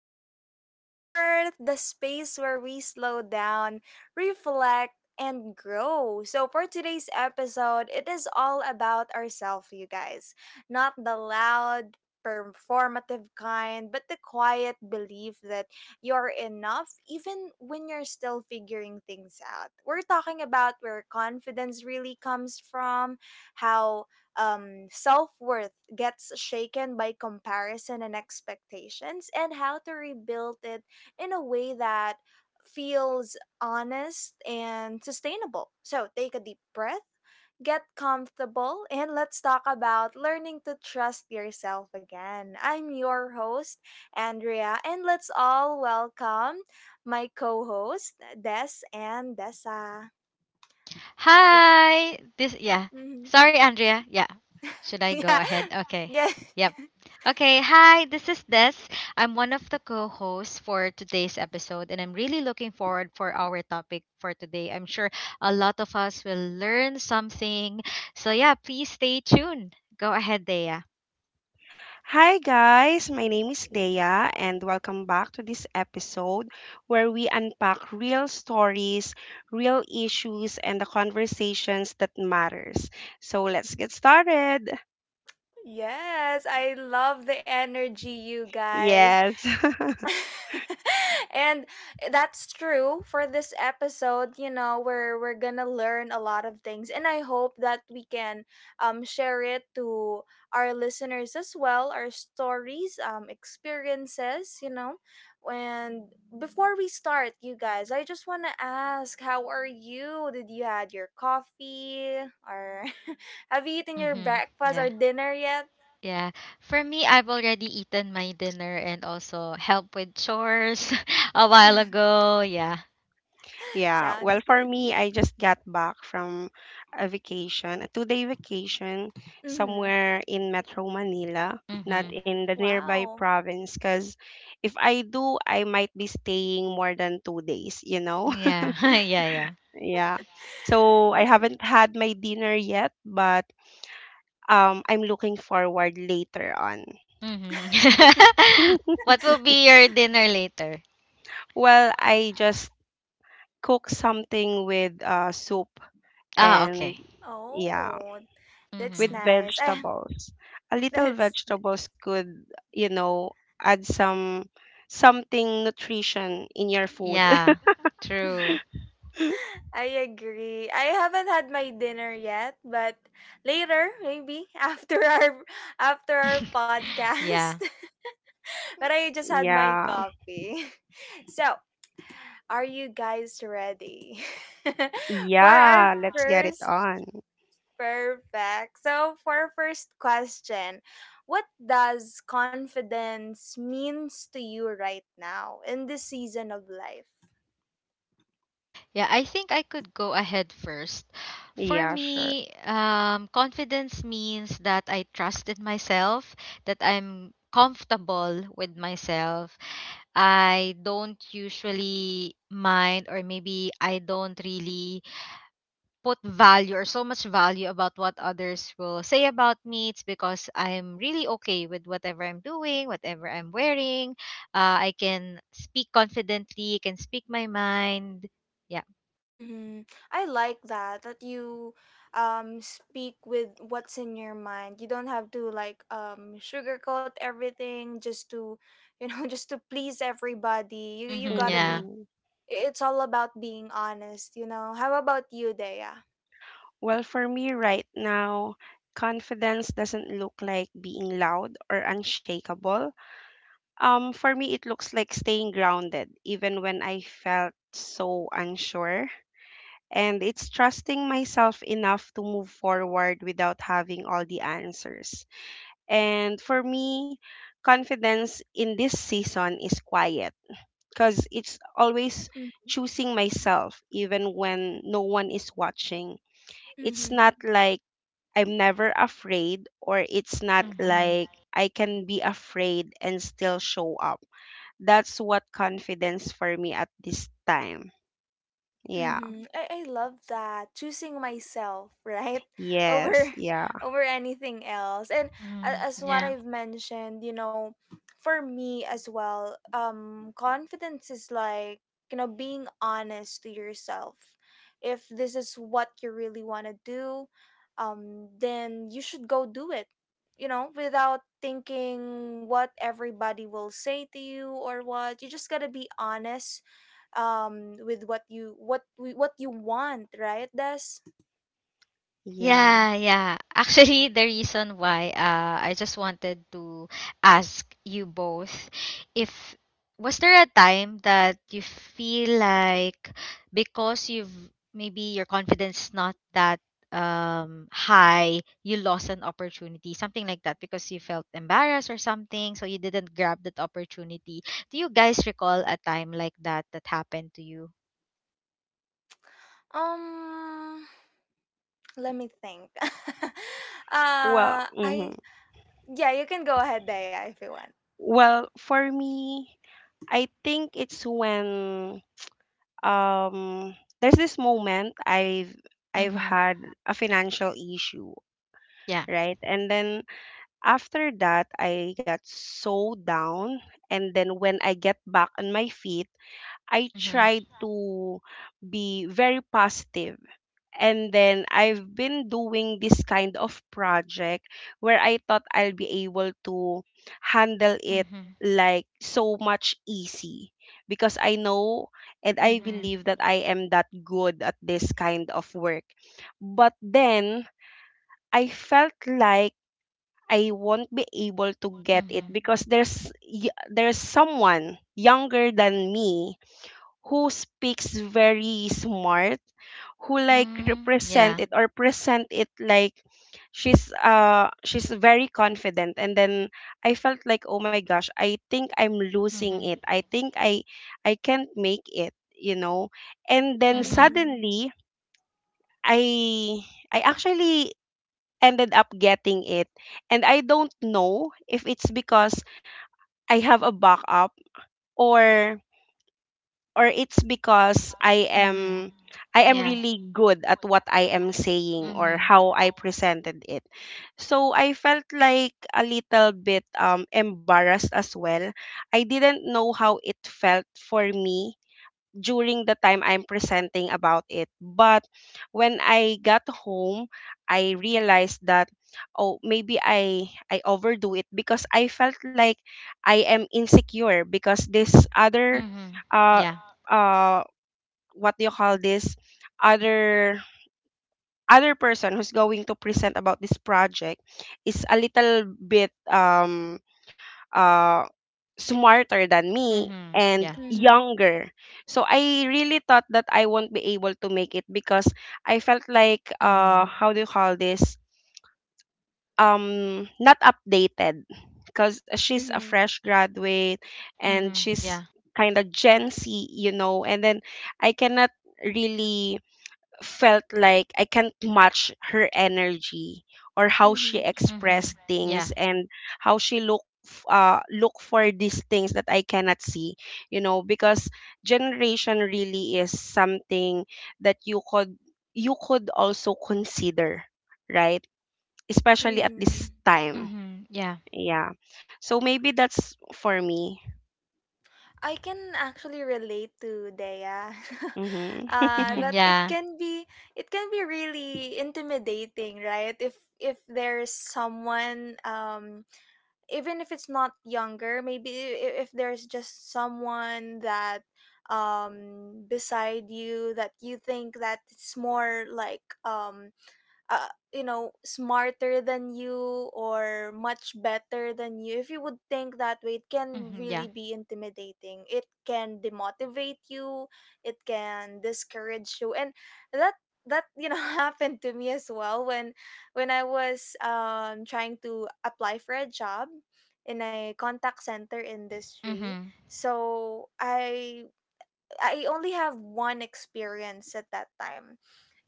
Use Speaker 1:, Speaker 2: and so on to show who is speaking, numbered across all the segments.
Speaker 1: and Self Worth, the space where we slow down, reflect, and grow. So, for today's episode, it is all about ourselves, you guys. Not the loud, performative kind, but the quiet belief that you're enough even when you're still figuring things out. We're talking about where confidence really comes from, how self worth gets shaken by comparison and expectations, and how to rebuild it in a way that feels honest and sustainable. So take a deep breath, get comfortable, and let's talk about learning to trust yourself again. I'm your host, Andrea, and let's all welcome my co host, Des and Dessa. Let's-
Speaker 2: Hi. This yeah.
Speaker 1: mhm.
Speaker 2: Sorry, Andrea. Yeah. Should I go
Speaker 1: Yeah.
Speaker 2: ahead? Okay.
Speaker 1: Yeah.
Speaker 2: Yep. Okay. Hi. This is Des. I'm one of the co-hosts for today's episode, and I'm really looking forward for our topic for today. I'm sure a lot of us will learn something. So yeah, please stay tuned. Go ahead, Dea.
Speaker 3: Hi guys, my name is Leia and welcome back to this episode where we unpack real stories, real issues and the conversations that matters. So let's get started.
Speaker 1: Yes, I love the energy, you guys.
Speaker 3: Yes.
Speaker 1: And that's true for this episode, you know, where we're gonna learn a lot of things. And I hope that we can share it to our listeners as well, our stories, experiences. And before we start, you guys, I just wanna ask, how are you? Did you had your coffee? Or have you eaten your
Speaker 2: Mm-hmm.
Speaker 1: breakfast
Speaker 2: Yeah.
Speaker 1: or dinner yet?
Speaker 2: Yeah. For me, I've already eaten my dinner and also helped with chores a while ago. Yeah.
Speaker 3: Yeah, well,
Speaker 1: Sounds
Speaker 3: for
Speaker 1: good.
Speaker 3: me I just got back from a vacation, a two-day vacation
Speaker 1: Mm-hmm.
Speaker 3: somewhere in Metro Manila, not
Speaker 2: Mm-hmm.
Speaker 3: in the nearby
Speaker 1: Wow.
Speaker 3: province cuz if I do I might be staying more than 2 days, you know?
Speaker 2: Yeah. Yeah.
Speaker 3: Yeah. So I
Speaker 1: This-
Speaker 3: haven't had my dinner yet, but I'm looking forward later on.
Speaker 2: hmm what will be your dinner later?
Speaker 3: Well, I just cook something with soup
Speaker 2: Ah,
Speaker 3: and
Speaker 2: okay.
Speaker 3: yeah,
Speaker 1: oh, that's
Speaker 3: with
Speaker 2: hmm
Speaker 1: nice. I
Speaker 3: vegetables. A little
Speaker 1: that's
Speaker 3: vegetables could, you know, add something nutrition in your food.
Speaker 2: Yeah. True.
Speaker 1: I agree. I haven't had my dinner yet, but later maybe after our podcast.
Speaker 2: yeah.
Speaker 1: But I just had my
Speaker 3: Yeah.
Speaker 1: coffee. So, are you guys ready for our
Speaker 3: Yeah, let's get it
Speaker 1: first
Speaker 3: on.
Speaker 1: Perfect. So, for our first question, what does confidence means to you right now in this season of life?
Speaker 2: Yeah, I think I could go ahead first. For
Speaker 3: Yeah, sure.
Speaker 2: me, confidence means that I trusted myself, that I'm comfortable with myself. I don't usually mind, or maybe I don't really put value or so much value about what others will say about me. It's because I'm really okay with whatever I'm doing, whatever I'm wearing. I can speak confidently, I can speak my mind. Yeah.
Speaker 1: Mm-hmm. I like that you speak with what's in your mind. You don't have to like sugarcoat everything, just to you know just to please everybody. You
Speaker 2: Mm-hmm,
Speaker 1: gotta be.
Speaker 2: yeah.
Speaker 3: Mm-hmm.
Speaker 1: It's all about being honest. You know. How about you, Dea?
Speaker 3: Well, for me right now, confidence doesn't look like being loud or unshakable. For me, it looks like staying grounded, even when I felt so unsure. And it's trusting myself enough to move forward without having all the answers. And for me, confidence in this season is quiet because it's always choosing myself, even when no one is watching. It's
Speaker 1: Mm-hmm.
Speaker 3: not like I'm never afraid, or it's not
Speaker 2: Mm-hmm.
Speaker 3: like I can be afraid and still show up. That's what confidence for me at this time. Yeah.
Speaker 1: Mm-hmm. I love that, choosing myself, right,
Speaker 3: Yes.
Speaker 1: over
Speaker 3: Yeah.
Speaker 1: over anything else. And
Speaker 2: Mm-hmm.
Speaker 1: as what
Speaker 2: Yeah.
Speaker 1: I've mentioned, you know, for me as well, confidence is like, being honest to yourself. If this is what you really want to do, then you should go do it, without thinking what everybody will say to you. Or what you, just gotta be honest with what you want, right, Des?
Speaker 3: Yeah.
Speaker 2: Yeah, yeah. Actually, the reason why I just wanted to ask you both if was there a time that you feel like because you've maybe your confidence not that high, you lost an opportunity, something like that because you felt embarrassed or something, so you didn't grab that opportunity. Do you guys recall a time like that that happened to you?
Speaker 1: um Let me think.
Speaker 3: Well, mhm.
Speaker 1: I Yeah, you can go ahead, Daya, if you want.
Speaker 3: well, for me, I think it's when um there's this moment I've
Speaker 2: Mhm.
Speaker 3: had a financial issue,
Speaker 2: Yeah.
Speaker 3: right? And then after that, I got so down. And then when I get back on my feet, I
Speaker 2: Mhm.
Speaker 3: tried to be very positive. And then I've been doing this kind of project where I thought I'll be able to handle it
Speaker 2: Mhm.
Speaker 3: like so much easy because I know and I
Speaker 2: Mhm.
Speaker 3: believe that I am that good at this kind of work. But then I felt like I won't be able to get it
Speaker 2: Mhm.
Speaker 3: because there's there's someone younger than me who speaks very smart who like
Speaker 2: Mm,
Speaker 3: represent
Speaker 2: yeah.
Speaker 3: it or present it like she's very confident. And then I felt like oh my gosh, I think I'm losing
Speaker 2: Mm-hmm.
Speaker 3: it, I think I can't make it. And then
Speaker 2: Mm-hmm.
Speaker 1: Mm-hmm.
Speaker 3: suddenly I actually ended up getting it. And I don't know if it's because I have a backup or it's because I
Speaker 2: Mm-hmm.
Speaker 3: am I am
Speaker 2: Yeah.
Speaker 3: really good at what I am saying or
Speaker 2: Mm-hmm.
Speaker 3: how I presented it. So I felt like a little bit embarrassed as well. I didn't know how it felt for me during the time I'm presenting about it. But when I got home, I realized that oh maybe I overdo it because I felt like I am insecure because this other
Speaker 2: Mm-hmm.
Speaker 3: uh
Speaker 2: Yeah.
Speaker 3: uh what do you call this other other person who's going to present about this project is a little bit uh smarter than me
Speaker 2: Mm-hmm.
Speaker 3: and
Speaker 2: Yeah.
Speaker 1: Mm-hmm.
Speaker 3: younger. So I really thought that I won't be able to make it because I felt like
Speaker 2: Mm-hmm.
Speaker 3: how do you call this? Not updated because she's a
Speaker 1: Mm-hmm.
Speaker 3: fresh graduate and
Speaker 2: Mm-hmm.
Speaker 3: she's
Speaker 2: Yeah.
Speaker 3: kind of Gen Z, you know, and then I cannot really felt like I can't match her energy or how she
Speaker 1: Mm-hmm.
Speaker 2: Mm-hmm.
Speaker 3: expressed
Speaker 2: Yeah.
Speaker 3: things and how she look look for these things that I cannot see, you know, because generation really is something that you could also consider, right, especially at
Speaker 1: Mm-hmm.
Speaker 3: this time.
Speaker 2: Mm-hmm. Yeah.
Speaker 3: Yeah, so maybe that's for me.
Speaker 1: I can actually relate to Daya.
Speaker 3: Mhm.
Speaker 2: Mm-hmm.
Speaker 1: That it
Speaker 2: Yeah.
Speaker 1: can be it can be really intimidating, right? If there's someone, even if it's not younger, maybe. If there's just someone that beside you that you think that it's more like, uh, you know, smarter than you or much better than you. If you would think that way, it can
Speaker 2: Mm-hmm.
Speaker 1: really
Speaker 2: Yeah.
Speaker 1: be intimidating, it can demotivate you, it can discourage you. And that that happened to me as well, when I was trying to apply for a job in a contact center industry.
Speaker 2: Mm-hmm.
Speaker 1: So I only have one experience at that time.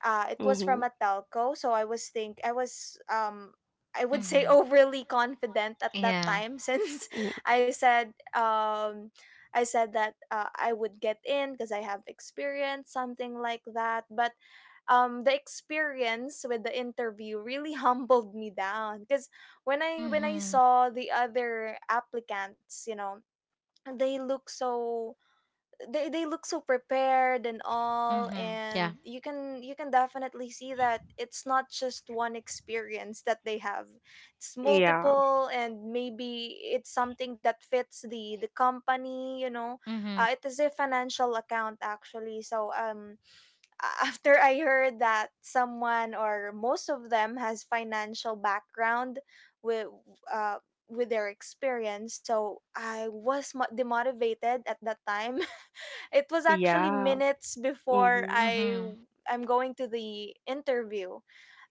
Speaker 1: It was from
Speaker 3: Mhm.
Speaker 1: a telco, so I was think I was I would say
Speaker 2: Mm-hmm.
Speaker 1: overly confident at that
Speaker 2: Yeah.
Speaker 1: time. Since
Speaker 3: Mhm.
Speaker 1: i said um I said that, I would get in because I have experience something like that. But the experience with the interview really humbled me down, because when I
Speaker 2: Mm-hmm.
Speaker 1: saw the other applicants, they look so they look so prepared and all.
Speaker 2: Mm-hmm. Yeah.
Speaker 1: And you can definitely see that it's not just one experience that they have, it's
Speaker 3: Yeah.
Speaker 1: multiple, and maybe it's something that fits the company.
Speaker 2: Mm-hmm.
Speaker 1: It is a financial account actually. So after I heard that someone, or most of them, has financial background with uh with their experience, so I was demotivated at that time. It was actually
Speaker 3: Yeah.
Speaker 1: minutes before
Speaker 3: Mhm.
Speaker 1: I
Speaker 2: Mm-hmm.
Speaker 1: I'm going to the interview.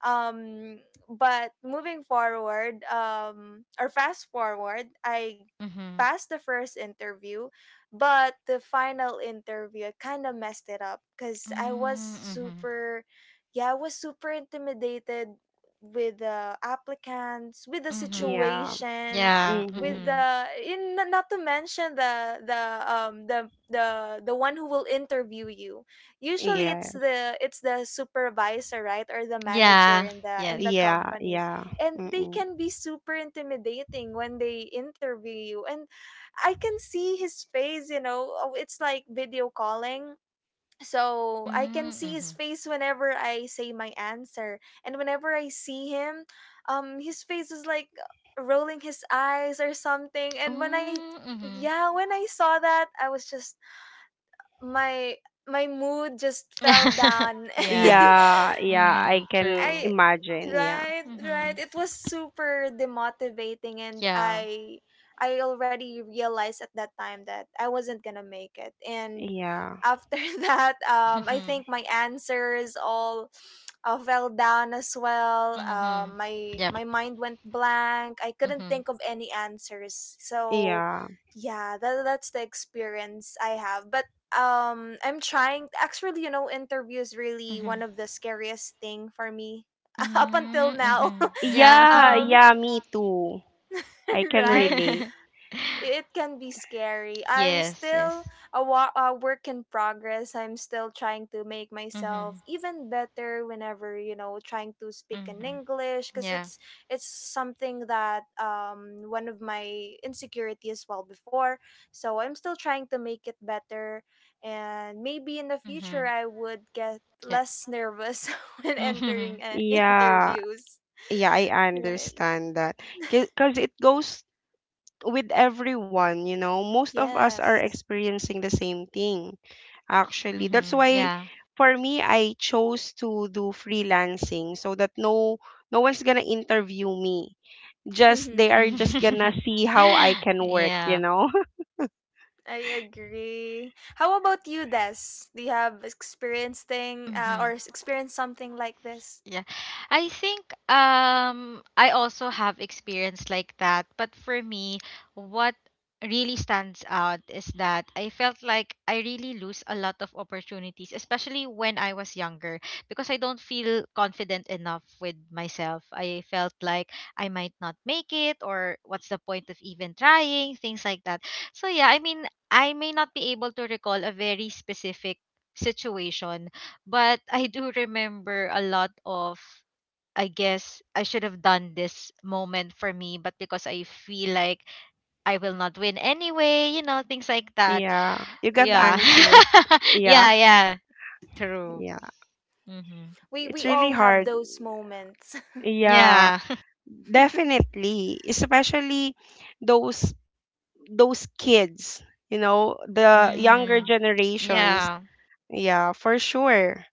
Speaker 1: Um but moving forward, or fast forward, I
Speaker 2: Mm-hmm.
Speaker 1: passed the first interview, but the final interview I kind of messed it up because I was
Speaker 2: Mm-hmm.
Speaker 1: super intimidated with the applicants, with the
Speaker 2: Mm-hmm.
Speaker 3: Yeah.
Speaker 1: situation,
Speaker 2: Yeah.
Speaker 1: with
Speaker 3: Mhm.
Speaker 2: Mm-hmm.
Speaker 1: the in not to mention the one who will interview you. Usually
Speaker 3: Yeah,
Speaker 1: it's the supervisor, right, or the manager
Speaker 2: Yeah.
Speaker 1: in the
Speaker 2: Yes.
Speaker 3: yeah,
Speaker 1: company.
Speaker 3: yeah.
Speaker 1: And they
Speaker 3: Mm-mm.
Speaker 1: can be super intimidating when they interview you, and I can see his face. Oh, it's like video calling. So I can
Speaker 2: Mm-hmm.
Speaker 1: see his
Speaker 2: Mm-hmm.
Speaker 1: face whenever I say my answer. And whenever I see him, his face is like, rolling his eyes or something. And when I
Speaker 2: Mm-hmm.
Speaker 1: yeah, when I saw that, I was just my my mood just fell down.
Speaker 2: yeah.
Speaker 3: Yeah, yeah, I
Speaker 2: Mm,
Speaker 3: can
Speaker 2: true.
Speaker 1: I
Speaker 3: imagine. Yeah,
Speaker 1: Right, right,
Speaker 2: Mhm.
Speaker 1: it was super demotivating, and
Speaker 2: Yeah.
Speaker 1: I already realized at that time that I wasn't going to make it. And
Speaker 3: yeah,
Speaker 1: after that, I
Speaker 2: Mhm.
Speaker 1: think my answers all fell down as well. Uh,
Speaker 2: Mhm.
Speaker 1: my
Speaker 2: Yep.
Speaker 1: my mind went blank. I couldn't
Speaker 2: Mhm.
Speaker 1: think of any answers. So
Speaker 3: yeah.
Speaker 1: yeah, that's the experience I have. But I'm trying, actually. You know, interview is really one
Speaker 2: Mhm.
Speaker 1: of the scariest thing for me, up until
Speaker 2: Mhm.
Speaker 1: now.
Speaker 2: Mhm. Yeah.
Speaker 3: Yeah,
Speaker 2: Mhm.
Speaker 1: um
Speaker 3: yeah, me too. I can
Speaker 1: right,
Speaker 3: relate.
Speaker 1: it can be scary. I'm
Speaker 2: yes. Yes.
Speaker 1: still a work in progress. I'm still trying to make myself
Speaker 2: Mhm.
Speaker 1: even better whenever, trying to speak in
Speaker 2: Mhm.
Speaker 1: English, because
Speaker 2: Yeah.
Speaker 1: it's something that, one of my insecurity as well before. So I'm still trying to make it better, and maybe in the future
Speaker 2: Mhm.
Speaker 1: I would get
Speaker 2: Yep.
Speaker 1: less nervous when
Speaker 2: Mhm.
Speaker 1: entering,
Speaker 3: Yeah,
Speaker 1: interviews.
Speaker 3: yeah, I
Speaker 1: Right.
Speaker 3: understand that. Because it goes with everyone, you know. Most of us are
Speaker 1: Yes.
Speaker 3: experiencing the same thing, actually. That's
Speaker 2: Mhm.
Speaker 3: why
Speaker 2: Yeah.
Speaker 3: for me, I chose to do freelancing so that no one's gonna interview me, just they are just gonna see how I can work, you
Speaker 2: yeah.
Speaker 3: know?
Speaker 1: I agree. How about you, Des? Do you have experienced
Speaker 2: Mhm.
Speaker 1: experienced something like this?
Speaker 2: Yeah. I think I also have experience like that, but for me what really stands out is that I felt like I really lose a lot of opportunities, especially when I was younger, because I don't feel confident enough with myself. I felt like I might not make it or what's the point of even trying, things like that. So yeah, I mean, I may not be able to recall a very specific situation but I do remember a lot of I guess I should have done this moment for me, but because I feel like I will not win anyway, you know, things like that.
Speaker 3: Yeah, you got
Speaker 2: Yeah.
Speaker 1: Mm-hmm.
Speaker 3: anxious. Yeah,
Speaker 2: Yeah. True.
Speaker 3: yeah.
Speaker 2: Mhm.
Speaker 1: We
Speaker 3: It's
Speaker 1: we
Speaker 3: really
Speaker 1: all have
Speaker 3: hard.
Speaker 1: those moments.
Speaker 3: Yeah,
Speaker 2: Yeah.
Speaker 3: definitely. Especially those those kids, you know, the younger
Speaker 2: mhm.
Speaker 3: generations.
Speaker 2: Yeah.
Speaker 3: Yeah, for sure.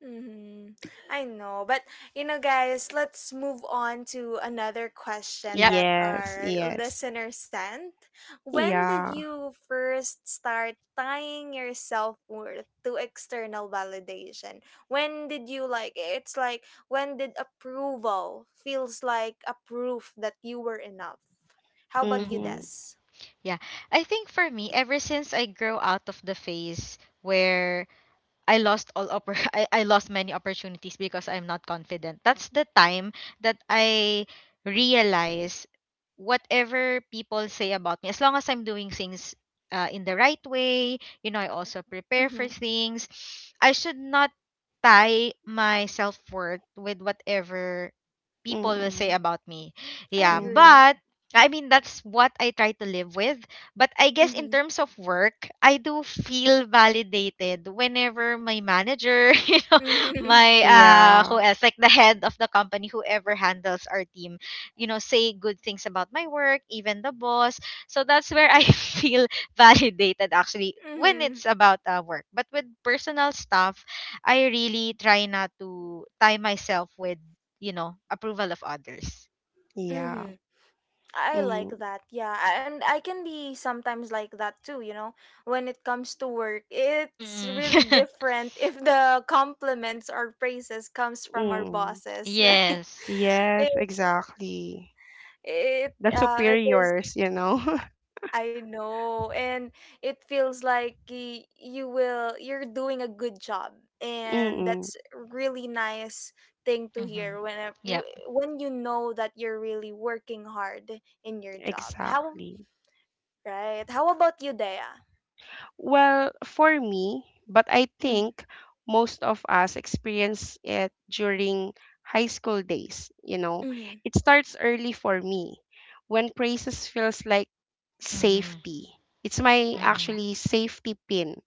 Speaker 1: Mm-hmm. I know, but you know, guys, let's move on to another question
Speaker 2: Yep.
Speaker 1: that
Speaker 3: Yes,
Speaker 1: our
Speaker 3: yes.
Speaker 1: listener sent. When did
Speaker 3: Yeah.
Speaker 1: you first start tying your self worth to external validation? When did approval feels like a proof that you were enough? How about you,
Speaker 3: Mhm.
Speaker 2: Mhm.
Speaker 1: Des?
Speaker 2: Yeah. I think for me ever since I grow out of the phase where I lost all I lost many opportunities because I'm not confident. That's the time that I realize whatever people say about me, as long as I'm doing things in the right way, you know, I also prepare for
Speaker 1: Mhm.
Speaker 2: things. I should not tie my self worth with whatever people will say
Speaker 3: Mhm.
Speaker 2: about me.
Speaker 1: I
Speaker 2: Yeah,
Speaker 3: Mhm.
Speaker 1: agree.
Speaker 2: but I mean that's what I try to live with. But I guess in
Speaker 1: Mhm.
Speaker 2: terms of work, I do feel validated whenever my manager, you know,
Speaker 1: Mhm.
Speaker 2: my
Speaker 3: Yeah.
Speaker 2: who else, like the head of the company, whoever handles our team, you know, say good things about my work, even the boss. So that's where I feel validated actually when
Speaker 1: Mhm.
Speaker 2: it's about work. But with personal stuff, I really try not to tie myself with, you know, approval of others.
Speaker 3: Yeah.
Speaker 1: Mhm. I like
Speaker 3: Mhm.
Speaker 1: that. Yeah, and I can be sometimes like that too. When it comes to work, it's really
Speaker 2: Mm-mm.
Speaker 1: different if the compliments or praises comes from our
Speaker 3: Mm.
Speaker 1: bosses, right?
Speaker 2: yes.
Speaker 3: Yes,
Speaker 1: It
Speaker 3: exactly.
Speaker 1: it
Speaker 3: The
Speaker 1: uh it is
Speaker 3: superiors, you know.
Speaker 1: I know, and it feels like you're doing a good job, and
Speaker 3: Mm-mm,
Speaker 1: that's really nice thing to
Speaker 2: Mm-hmm.
Speaker 1: hear when
Speaker 2: Yep.
Speaker 1: you know that you're really working hard in your job. How
Speaker 3: exactly.
Speaker 1: Right. How about you, Dea?
Speaker 3: Well, for me, but I
Speaker 1: Mhm.
Speaker 3: think most of us experience it during high school days, you know.
Speaker 1: Mhm.
Speaker 3: It starts early for me when praises feels like
Speaker 2: Mm-hmm.
Speaker 3: safety. It's my
Speaker 2: Mm-hmm.
Speaker 3: actually safety pin.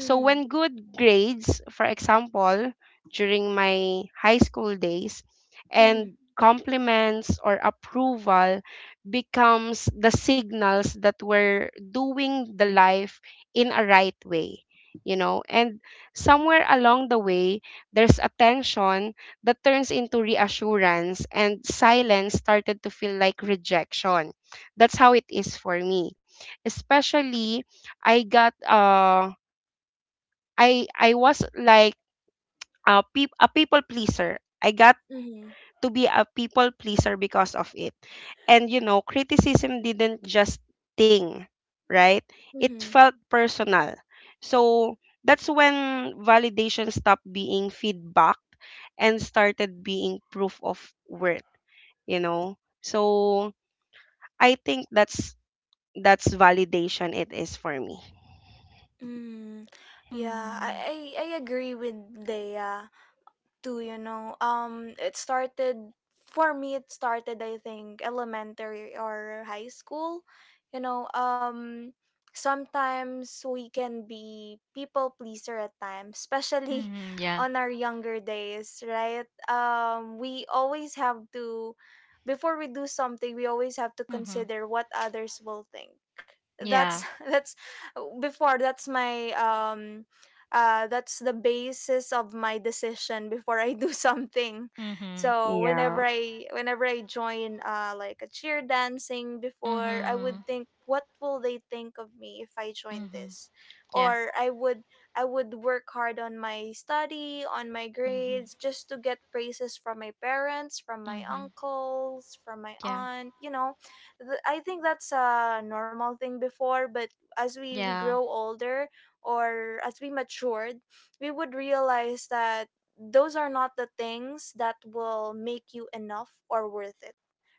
Speaker 3: So
Speaker 1: Mhm.
Speaker 3: when good grades, for example, during my high school days,
Speaker 1: Mhm.
Speaker 3: and compliments or approval becomes the signals that we're doing the life in a right way, you know, and somewhere along the way, there's a tension that turns into reassurance and silence started to feel like rejection. That's how it is for me. Especially I got uh I was like a people pleaser. I got
Speaker 1: Mhm.
Speaker 3: to be a people pleaser because of it. And you know, criticism didn't just sting, right? It
Speaker 1: Mhm.
Speaker 3: felt personal. So that's when validation stopped being feedback and started being proof of worth, you know? So I think that's validation it is for me.
Speaker 1: Mm. Yeah,
Speaker 2: Mm-hmm.
Speaker 1: I agree with Dea. Too, you know, it started for me, it started I think elementary or high school. you know um Sometimes we can be people pleaser at times, especially
Speaker 2: Mm-hmm. Yeah.
Speaker 1: on our younger days, right. We always have to Before we do something, we always have to
Speaker 2: Mm-hmm.
Speaker 1: consider what others will think. That's
Speaker 2: Yeah.
Speaker 1: that's before that's my um that's the basis of my decision before I do something.
Speaker 2: Mm-hmm.
Speaker 1: So
Speaker 3: Yeah.
Speaker 1: whenever I join, like a cheer dancing before, I
Speaker 2: Mm-hmm.
Speaker 1: would think, what will they think of me if I join
Speaker 2: Mm-hmm.
Speaker 1: this?
Speaker 2: Yeah.
Speaker 1: Or I would work hard on my study, on my grades,
Speaker 2: Mm-hmm.
Speaker 1: just to get praises from my parents, from my
Speaker 2: Mm-hmm.
Speaker 1: uncles, from my
Speaker 2: Yeah.
Speaker 1: aunt. You know, I think that's a normal thing before, but as we
Speaker 2: Yeah.
Speaker 1: grow older, or as we matured, we would realize that those are not the things that will make you enough or worth it,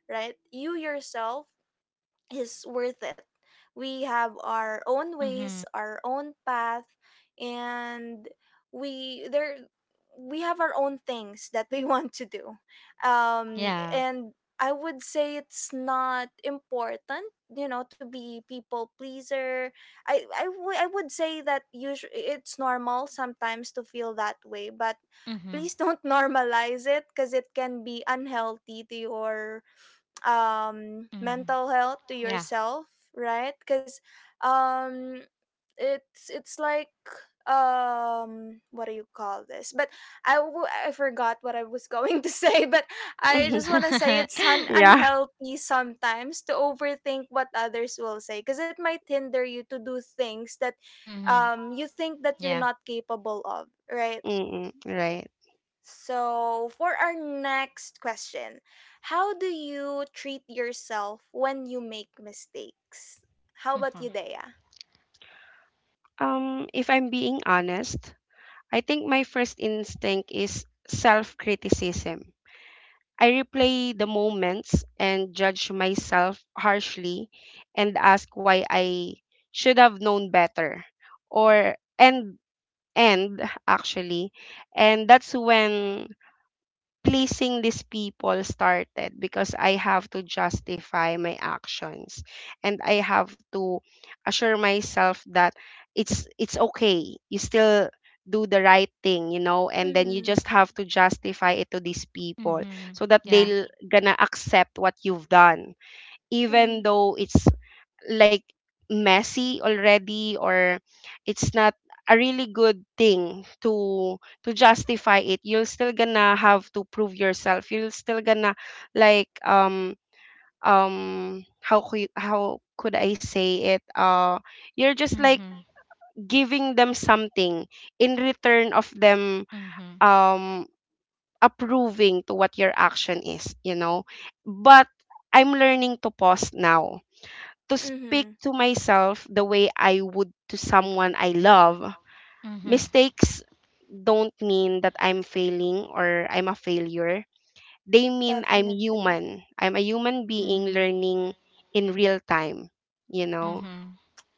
Speaker 1: right? You yourself is worth it. We have our own
Speaker 2: Mm-hmm.
Speaker 1: ways, our own path, and we there we have our own things that we want to do.
Speaker 2: Yeah.
Speaker 1: And I would say it's not important, to be people pleaser. I would say that usually it's normal sometimes to feel that way, but
Speaker 2: Mm-hmm.
Speaker 1: please don't normalize it because it can be unhealthy to your
Speaker 2: Mm-hmm.
Speaker 1: mental health, to
Speaker 2: Yeah.
Speaker 1: yourself, right? Because um it's like, what do you call this, but I forgot what I was going to say. But I just want to say it's
Speaker 3: Yeah.
Speaker 1: unhealthy sometimes to overthink what others will say, because it might hinder you to do things that
Speaker 2: mm-hmm.
Speaker 1: you think that you're
Speaker 2: Yeah.
Speaker 1: not capable of, right?
Speaker 3: Mm-mm, right.
Speaker 1: So, for our next question, how do you treat yourself when you make mistakes? How about you,
Speaker 2: Mm-hmm.
Speaker 1: Dea?
Speaker 3: If I'm being honest, I think my first instinct is self criticism. I replay the moments and judge myself harshly and ask why I should have known better or and actually and that's when pleasing these people started because I have to justify my actions and I have to assure myself that it's okay. You still do the right thing, you know, and then you
Speaker 1: Mm-hmm.
Speaker 3: just have to justify it to these people
Speaker 2: Mm-hmm.
Speaker 3: so that they
Speaker 2: Yeah.
Speaker 3: are gonna accept what you've done,
Speaker 1: Mm-hmm.
Speaker 3: even though it's like messy already or it's not a really good thing to justify it, you're still gonna have to prove yourself, you're still gonna like how could I say it, you're just like
Speaker 2: Mm-hmm.
Speaker 3: giving them something in return of them,
Speaker 2: Mm-hmm.
Speaker 3: um approving to what your action is. But I'm learning to pause now, to speak
Speaker 1: Mm-hmm.
Speaker 3: to myself the way I would to someone I love.
Speaker 2: Mm-hmm.
Speaker 3: Mistakes don't mean that I'm failing or I'm a failure. They mean I'm
Speaker 1: Definitely.
Speaker 3: human. I'm a human being
Speaker 2: Mm-hmm.
Speaker 3: learning in real time, you know?
Speaker 2: Mm-hmm.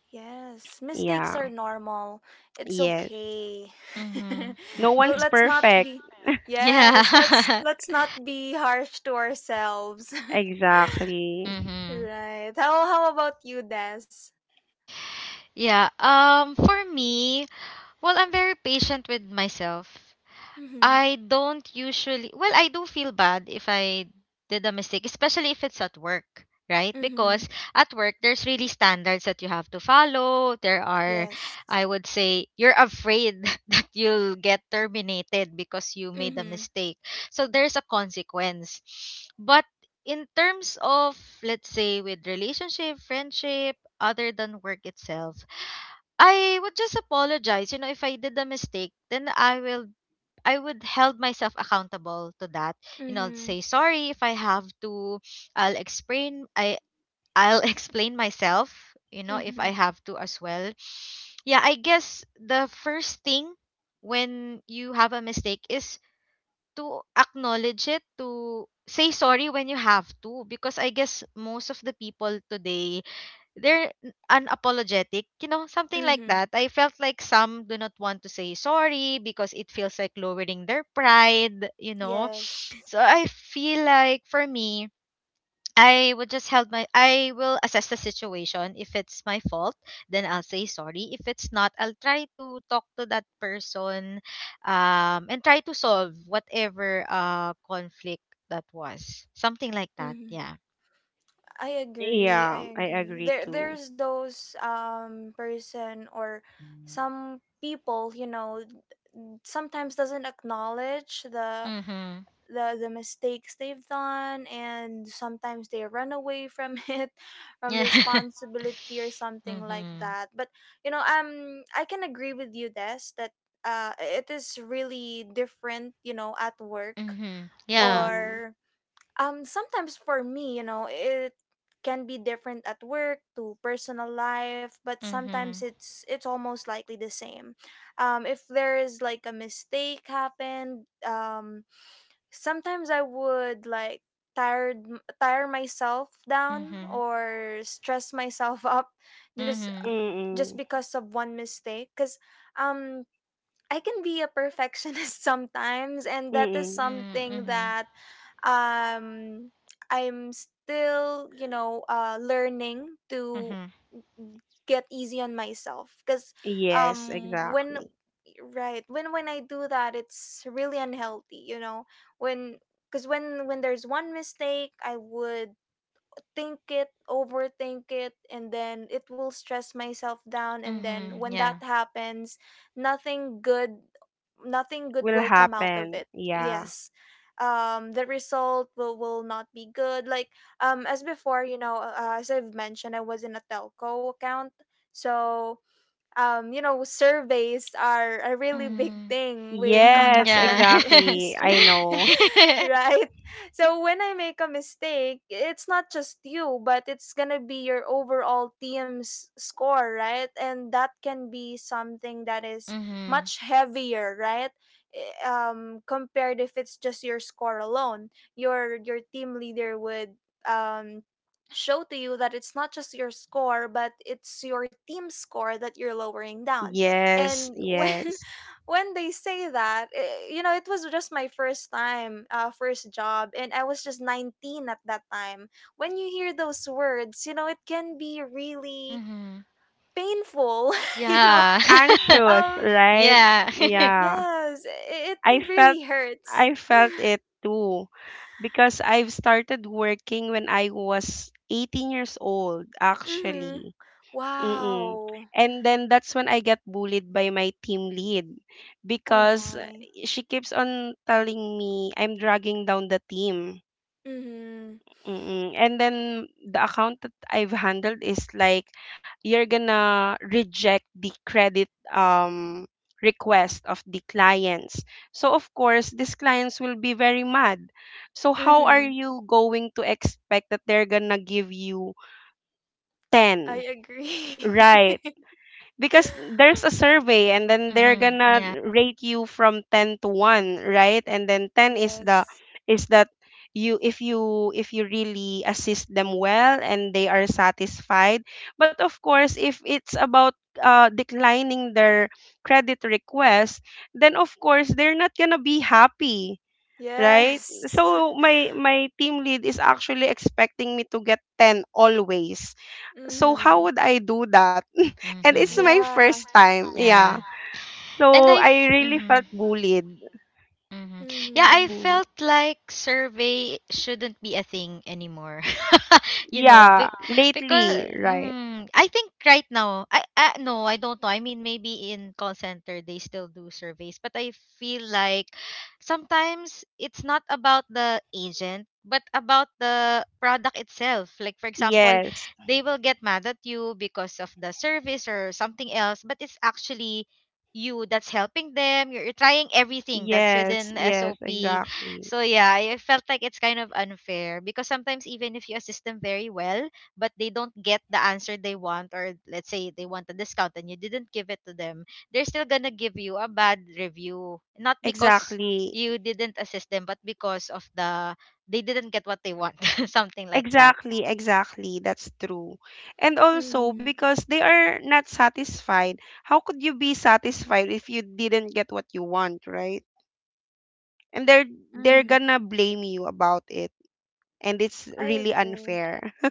Speaker 1: Yes. Mistakes are
Speaker 3: Yeah.
Speaker 1: normal. It's
Speaker 3: Yes.
Speaker 1: okay.
Speaker 3: No
Speaker 1: Well,
Speaker 3: one's
Speaker 1: let's not
Speaker 3: perfect.
Speaker 1: be yes, let's
Speaker 2: Yeah.
Speaker 1: let's not be harsh to ourselves.
Speaker 3: Exactly.
Speaker 2: Mm-hmm.
Speaker 1: Right. How about you, Des?
Speaker 2: Yeah. Well, I'm very patient with myself.
Speaker 1: Mm-hmm.
Speaker 2: I don't usually, well, I do feel bad if I did a mistake, especially if it's at work, right?
Speaker 1: Mm-hmm.
Speaker 2: Because at work, there's really standards that you have to follow. There are,
Speaker 1: Yes.
Speaker 2: I would say, you're afraid that you'll get terminated because you made a
Speaker 1: Mm-hmm.
Speaker 2: mistake. So there's a consequence. But in terms of, let's say, with relationship, friendship, other than work itself, I would just apologize. You know, if I did a mistake, then I would held myself accountable to that. You know,
Speaker 1: Mm-hmm.
Speaker 2: say sorry if I have to. I'll explain. I I'll explain myself. You know, if
Speaker 1: Mm-hmm.
Speaker 2: I have to as well. Yeah, I guess the first thing when you have a mistake is to acknowledge it. To say sorry when you have to, because I guess most of the people today they're unapologetic, you know, something like
Speaker 1: Mm-hmm.
Speaker 2: that. I felt like some do not want to say sorry because it feels like lowering their pride, you know.
Speaker 1: Yes.
Speaker 2: So I feel like for me, I would just help my I will assess the situation. If it's my fault, then I'll say sorry. If it's not, I'll try to talk to that person and try to solve whatever conflict that was. Something like that.
Speaker 1: Mm-hmm.
Speaker 2: Yeah.
Speaker 1: I agree.
Speaker 3: Yeah,
Speaker 1: I
Speaker 3: I
Speaker 1: agree.
Speaker 3: agree
Speaker 1: There
Speaker 3: too.
Speaker 1: there's those person or some people, you know, sometimes doesn't acknowledge the
Speaker 2: Mhm.
Speaker 1: the the mistakes they've done, and sometimes they run away from it, from
Speaker 2: Yeah.
Speaker 1: responsibility or something like
Speaker 2: mhm.
Speaker 1: that. But you know, I can agree with you, Des, that it is really different, you know, at work
Speaker 2: Mhm. Yeah.
Speaker 3: Mm-hmm.
Speaker 1: or sometimes, for me, you know, it can be different at work to personal life, but sometimes
Speaker 2: Mhm.
Speaker 1: it's almost likely the same. If there is like a mistake happened, sometimes I would like tired tire myself down
Speaker 2: Mhm.
Speaker 1: or stress myself up, just
Speaker 2: Mhm.
Speaker 3: Mm-mm.
Speaker 1: just because of one mistake. Cuz um I can be a perfectionist sometimes, and that is
Speaker 3: Mm-mm.
Speaker 1: something
Speaker 2: Mhm.
Speaker 1: that um I'm still, you know, learning
Speaker 2: Mhm.
Speaker 1: to
Speaker 2: Mhm.
Speaker 1: get easy on myself. Because
Speaker 3: Yes,
Speaker 1: when,
Speaker 3: exactly.
Speaker 1: right when I do that, it's really unhealthy, you know. When Because when there's one mistake, I would think it, overthink it, and then it will stress myself down. And then
Speaker 2: Mhm.
Speaker 1: when that
Speaker 2: Yeah.
Speaker 1: happens, nothing good, nothing good
Speaker 3: Will
Speaker 1: will come out of
Speaker 3: happen.
Speaker 1: it.
Speaker 3: Yeah.
Speaker 1: Yes. The result will not be good. Like, as before, you know, as I've mentioned, I was in a telco account. So, you know, surveys are a really big
Speaker 2: Mm.
Speaker 1: thing with
Speaker 2: Mm.
Speaker 1: contact
Speaker 3: Yes,
Speaker 2: Yeah.
Speaker 1: center
Speaker 3: exactly. I
Speaker 1: industry,
Speaker 3: know.
Speaker 1: right? So when I make a mistake, it's not just you, but it's gonna be your overall team's score, right? And that can be something that is
Speaker 2: mhm.
Speaker 1: much heavier, right? Compared if it's just your score alone, your team leader would um show to you that it's not just your score but it's your team score that you're lowering down.
Speaker 3: Yes,
Speaker 1: And when
Speaker 3: yes.
Speaker 1: when they say that, eh, you know, it was just my first time, first job, and I was just 19 at that time. When you hear those words, you know, it can be really
Speaker 2: Mhm.
Speaker 1: painful. You know,
Speaker 2: Yeah.
Speaker 3: Anxious,
Speaker 1: um
Speaker 3: right?
Speaker 2: yeah.
Speaker 3: Yeah.
Speaker 1: yes,
Speaker 3: I
Speaker 1: it
Speaker 3: felt
Speaker 1: really hurts.
Speaker 3: I felt it too because I've started working when I was 18 years old
Speaker 1: Mhm.
Speaker 3: actually. Mm-mm.
Speaker 1: Wow.
Speaker 3: And then that's when I get bullied by my team lead
Speaker 1: Oh
Speaker 3: because
Speaker 1: my.
Speaker 3: she keeps on telling me I'm dragging down the team
Speaker 1: Mhm.
Speaker 3: Mm, And then the account that I've handled is like you're gonna reject the credit request of the clients. So of course, these clients will be very mad. So how are
Speaker 1: Mhm.
Speaker 3: you going to expect that they're gonna give you
Speaker 1: I
Speaker 3: 10,
Speaker 1: agree.
Speaker 3: right? Because there's a survey and then they're
Speaker 2: mhm.
Speaker 3: gonna
Speaker 2: Yeah.
Speaker 3: rate you from 10 to 1, right, and then 10 is the
Speaker 1: Yes.
Speaker 3: is that, you, if you really assist them well and they are satisfied, but of course if it's about declining their credit request, then of course they're not gonna be happy, right.
Speaker 1: Yes.
Speaker 3: So my team lead is actually expecting me to get 10 always. So how
Speaker 1: Mhm.
Speaker 3: would I do that? And it's
Speaker 2: Mhm.
Speaker 3: my
Speaker 1: Yeah.
Speaker 3: first time. Yeah.
Speaker 2: Yeah. And
Speaker 3: So
Speaker 2: I. F-
Speaker 3: I really
Speaker 2: mhm.
Speaker 3: felt bullied.
Speaker 2: Mhm. Yeah, I
Speaker 1: Mhm.
Speaker 3: Mhm.
Speaker 2: felt like survey shouldn't be a thing anymore. you know, be-
Speaker 3: Yeah, lately,
Speaker 2: because
Speaker 3: right?
Speaker 2: mm, I think right now, I no, I don't know. I mean, maybe in call center they still do surveys, but I feel like sometimes it's not about the agent, but about the product itself. Like for example,
Speaker 3: Yes.
Speaker 2: they will get mad at you because of the service or something else, but it's actually you that's helping them. You're trying everything that's
Speaker 3: Yes,
Speaker 2: within
Speaker 3: yes,
Speaker 2: SOP,
Speaker 3: exactly.
Speaker 2: so yeah, I felt like it's kind of unfair because sometimes even if you assist them very well, but they don't get the answer they want, or let's say they want a discount and you didn't give it to them, they're still gonna give you a bad review. Not because
Speaker 3: Exactly.
Speaker 2: you didn't assist them, but because of they didn't get what they want, something like that.
Speaker 3: Exactly, exactly. That's true. And also
Speaker 1: Mhm.
Speaker 3: because they are not satisfied. How could you be satisfied if you didn't get what you want, right? And they're
Speaker 1: Mhm.
Speaker 3: gonna blame you about it. And it's
Speaker 1: I
Speaker 3: really
Speaker 1: agree.
Speaker 3: unfair.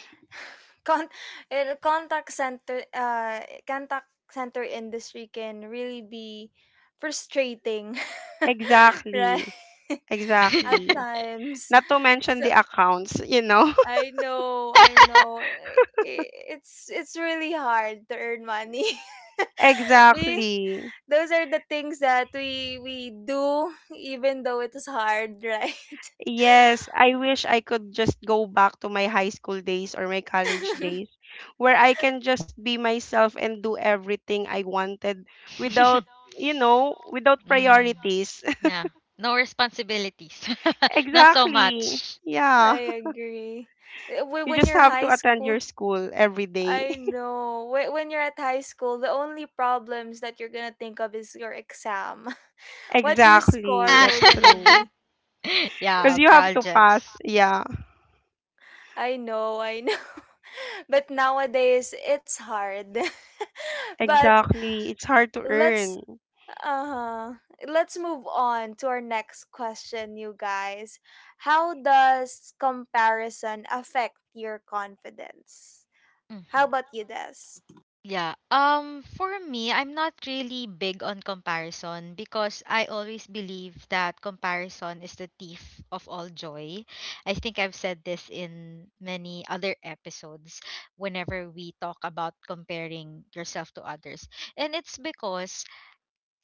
Speaker 1: Con contact center contact center industry can really be frustrating, right?
Speaker 3: Exactly.
Speaker 2: Yeah.
Speaker 1: At
Speaker 3: Exactly.
Speaker 1: times.
Speaker 3: Not to mention
Speaker 1: So
Speaker 3: the accounts, you know?
Speaker 1: I know, I know. It's really hard to earn money. we
Speaker 3: Exactly.
Speaker 1: Those are the things that we do, even though it is hard, right?
Speaker 3: Yes, I wish I could just go back to my high school days or my college days where I can just be myself and do everything I wanted without, without
Speaker 2: mm.
Speaker 3: priorities.
Speaker 2: Yeah. No responsibilities. Not so
Speaker 3: Exactly.
Speaker 2: much.
Speaker 1: I
Speaker 3: Yeah.
Speaker 1: agree. Eh, wh-
Speaker 3: You
Speaker 1: when
Speaker 3: just
Speaker 1: you're
Speaker 3: have
Speaker 1: high
Speaker 3: to attend
Speaker 1: school
Speaker 3: your school every day.
Speaker 1: I know. When you're at high school, the only problems that you're gonna think of is your exam, what your
Speaker 3: Exactly.
Speaker 1: score
Speaker 2: Yeah.
Speaker 3: That's
Speaker 1: will gonna
Speaker 3: true.
Speaker 1: be.
Speaker 2: yeah,
Speaker 3: Because you have to pass.
Speaker 2: projects.
Speaker 3: Yeah.
Speaker 1: I know. But nowadays it's hard. but
Speaker 3: Exactly. It's hard to
Speaker 1: let's
Speaker 3: earn.
Speaker 1: Uh-huh. Let's move on to our next question, you guys. How does comparison affect your confidence? How
Speaker 2: Mhm.
Speaker 1: about you, Des?
Speaker 2: Yeah. I'm not really big on comparison because I always believe that comparison is the thief of all joy. I think I've said this in many other episodes whenever we talk about comparing yourself to others. And it's because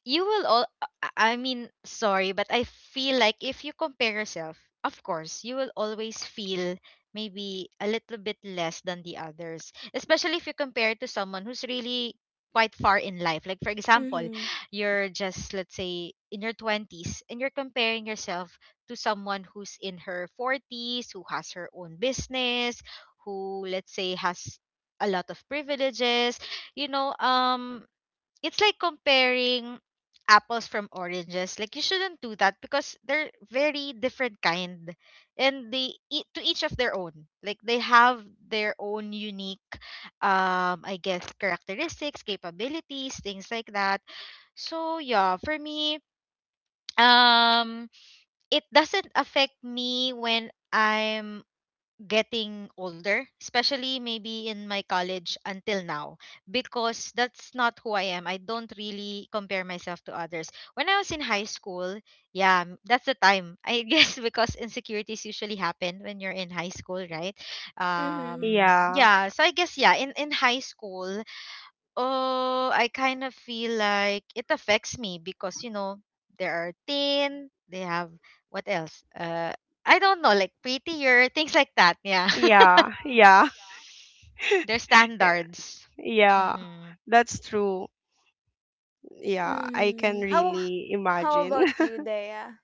Speaker 2: you will all I mean sorry but I feel like if you compare yourself of course you will always feel maybe a little bit less than the others, especially if you compare it to someone who's really quite far in life. Like for example,
Speaker 1: Mm-hmm.
Speaker 2: you're just let's say in your 20s and you're comparing yourself to someone who's in her 40s, who has her own business, who let's say has a lot of privileges, you know. It's like comparing apples from oranges. Like you shouldn't do that because they're very different kind, and they eat to each of their own. Like they have their own unique, I guess characteristics, capabilities, things like that. So yeah, for me, um, it doesn't affect me when I'm getting older, especially maybe in my college until now, because that's not who I am. I don't really compare myself to others. When I was in high school, yeah, that's the time. I guess because insecurities usually happen when you're in high school, right?
Speaker 1: Mm-hmm.
Speaker 3: Yeah,
Speaker 2: Yeah, so I guess yeah, in high school, oh, I kind of feel like it affects me because you know they are thin, they have what else? I don't know, like prettier things like that. Yeah.
Speaker 3: yeah, yeah,
Speaker 2: Their standards.
Speaker 3: yeah.
Speaker 2: Mm-hmm.
Speaker 3: That's true. Yeah, I can
Speaker 1: Mm-hmm.
Speaker 3: really
Speaker 1: How
Speaker 3: imagine.
Speaker 1: about you, Dea?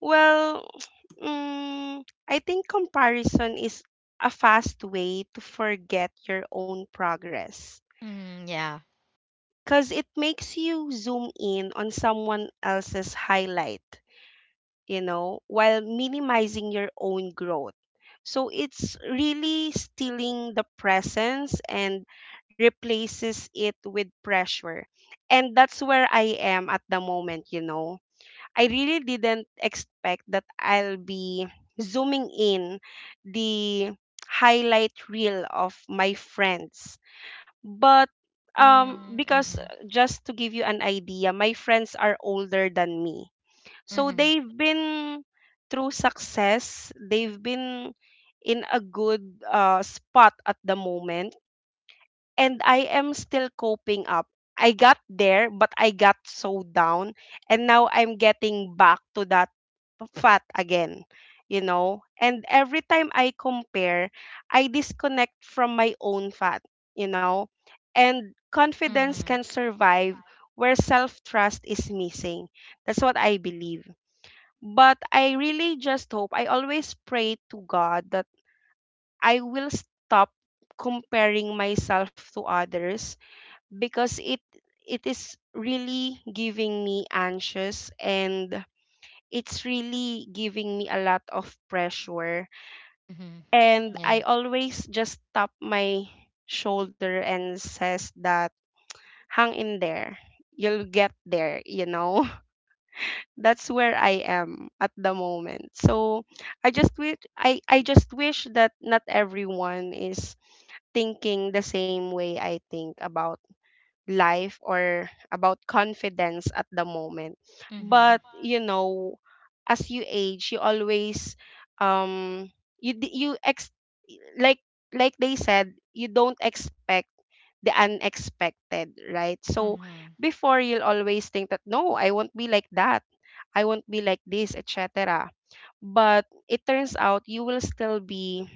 Speaker 3: Well, I think comparison is a fast way to forget your own progress
Speaker 2: Mm-hmm. Yeah.
Speaker 3: because it makes you zoom in on someone else's highlight, while minimizing your own growth. So it's really stealing the presence and replaces it with pressure. And that's where I am at the moment, you know. I really didn't expect that I'll be zooming in the highlight reel of my friends. But
Speaker 2: Mm,
Speaker 3: because
Speaker 2: Mm-hmm.
Speaker 3: just to give you an idea, my friends are older than me so
Speaker 2: Mm-hmm.
Speaker 3: they've been through success, they've been in a good spot at the moment, and I am still coping up. I got there, but I got so down, and now I'm getting back to that fat again, you know? And every time I compare, I disconnect from my own fat, you know? And confidence can
Speaker 2: Mm-hmm.
Speaker 3: survive where self trust is missing. That's what I believe. But I really just hope, I always pray to God that I will stop comparing myself to others because it is really giving me anxious and it's really giving me a lot of pressure,
Speaker 2: Mm-hmm.
Speaker 3: and I
Speaker 2: Yeah.
Speaker 3: always just tap my shoulder and says that hang in there, you'll get there. That's where I am at the moment. So I just wish that not everyone is thinking the same way I think about life or about confidence at the moment. But
Speaker 2: Mm-hmm.
Speaker 3: you know, as you age, you always um you d- you ex like they said, you don't expect the unexpected, right? So
Speaker 2: Mm-hmm.
Speaker 3: before you'll always think that no, I won't be like that, I won't be like this, et cetera. But it turns out you will still be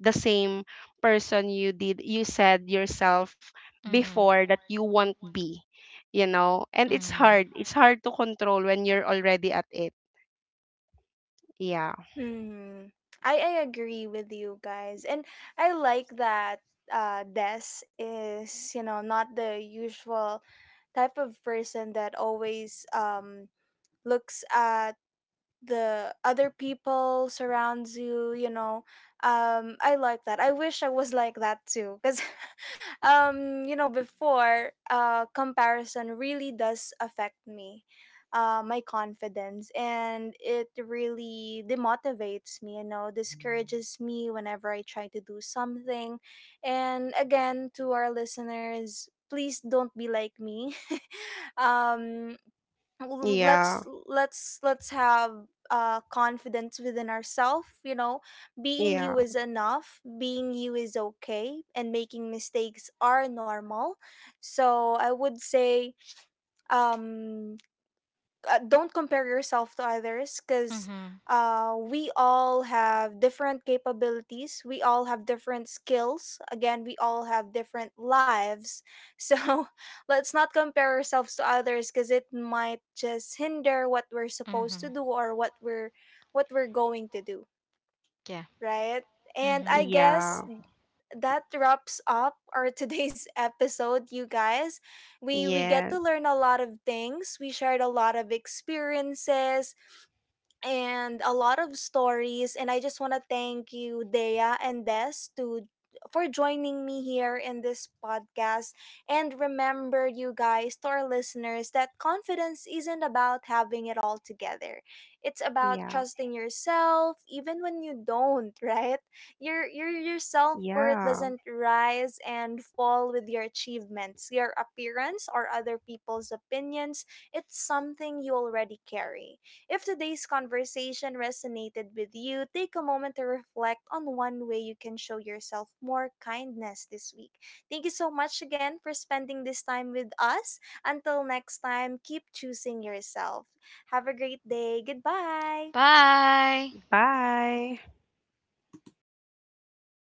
Speaker 3: the same person you said yourself
Speaker 2: Mm-hmm.
Speaker 3: before that you won't be, you know? And it's hard.
Speaker 2: Mm-hmm.
Speaker 3: It's hard to control when you're already at it. Yeah.
Speaker 1: Hmm. I agree with you guys. And I like that Des is, you know, not the usual type of person that always looks at the other people surrounds you, you know. I like that. I wish I was like that too, because you know, before, comparison really does affect me, my confidence, and it really demotivates me, you know, discourages me whenever I try to do something. And again, to our listeners, please don't be like me. Um,
Speaker 3: Yeah.
Speaker 1: let's have confidence within ourselves, you know. Being
Speaker 3: Yeah.
Speaker 1: you is enough, being you is okay, and making mistakes are normal. So I would say, um don't compare yourself to others, because
Speaker 2: Mm-hmm.
Speaker 1: we all have different capabilities. We all have different skills. Again, we all have different lives. So let's not compare ourselves to others, because it might just hinder what we're supposed to
Speaker 2: Mm-hmm.
Speaker 1: do, or what we're going to do,
Speaker 2: Yeah.
Speaker 1: right? And I
Speaker 2: Mm-hmm.
Speaker 1: guess
Speaker 3: Yeah.
Speaker 1: that wraps up our today's episode, you guys. We get to
Speaker 3: Yes.
Speaker 1: learn a lot of things. We shared a lot of experiences and a lot of stories. And I just want to thank you, Dea and Des, to for joining me here in this podcast. And remember, you guys, to our listeners, that confidence isn't about having it all together. It's about
Speaker 3: Yeah.
Speaker 1: trusting yourself, even when you don't. Right? Your self worth
Speaker 3: Yeah.
Speaker 1: doesn't rise and fall with your achievements, your appearance, or other people's opinions. It's something you already carry. If today's conversation resonated with you, take a moment to reflect on one way you can show yourself more kindness this week. Thank you so much again for spending this time with us. Until next time, keep choosing yourself. Have a great day. Goodbye.
Speaker 2: Bye.
Speaker 3: Bye.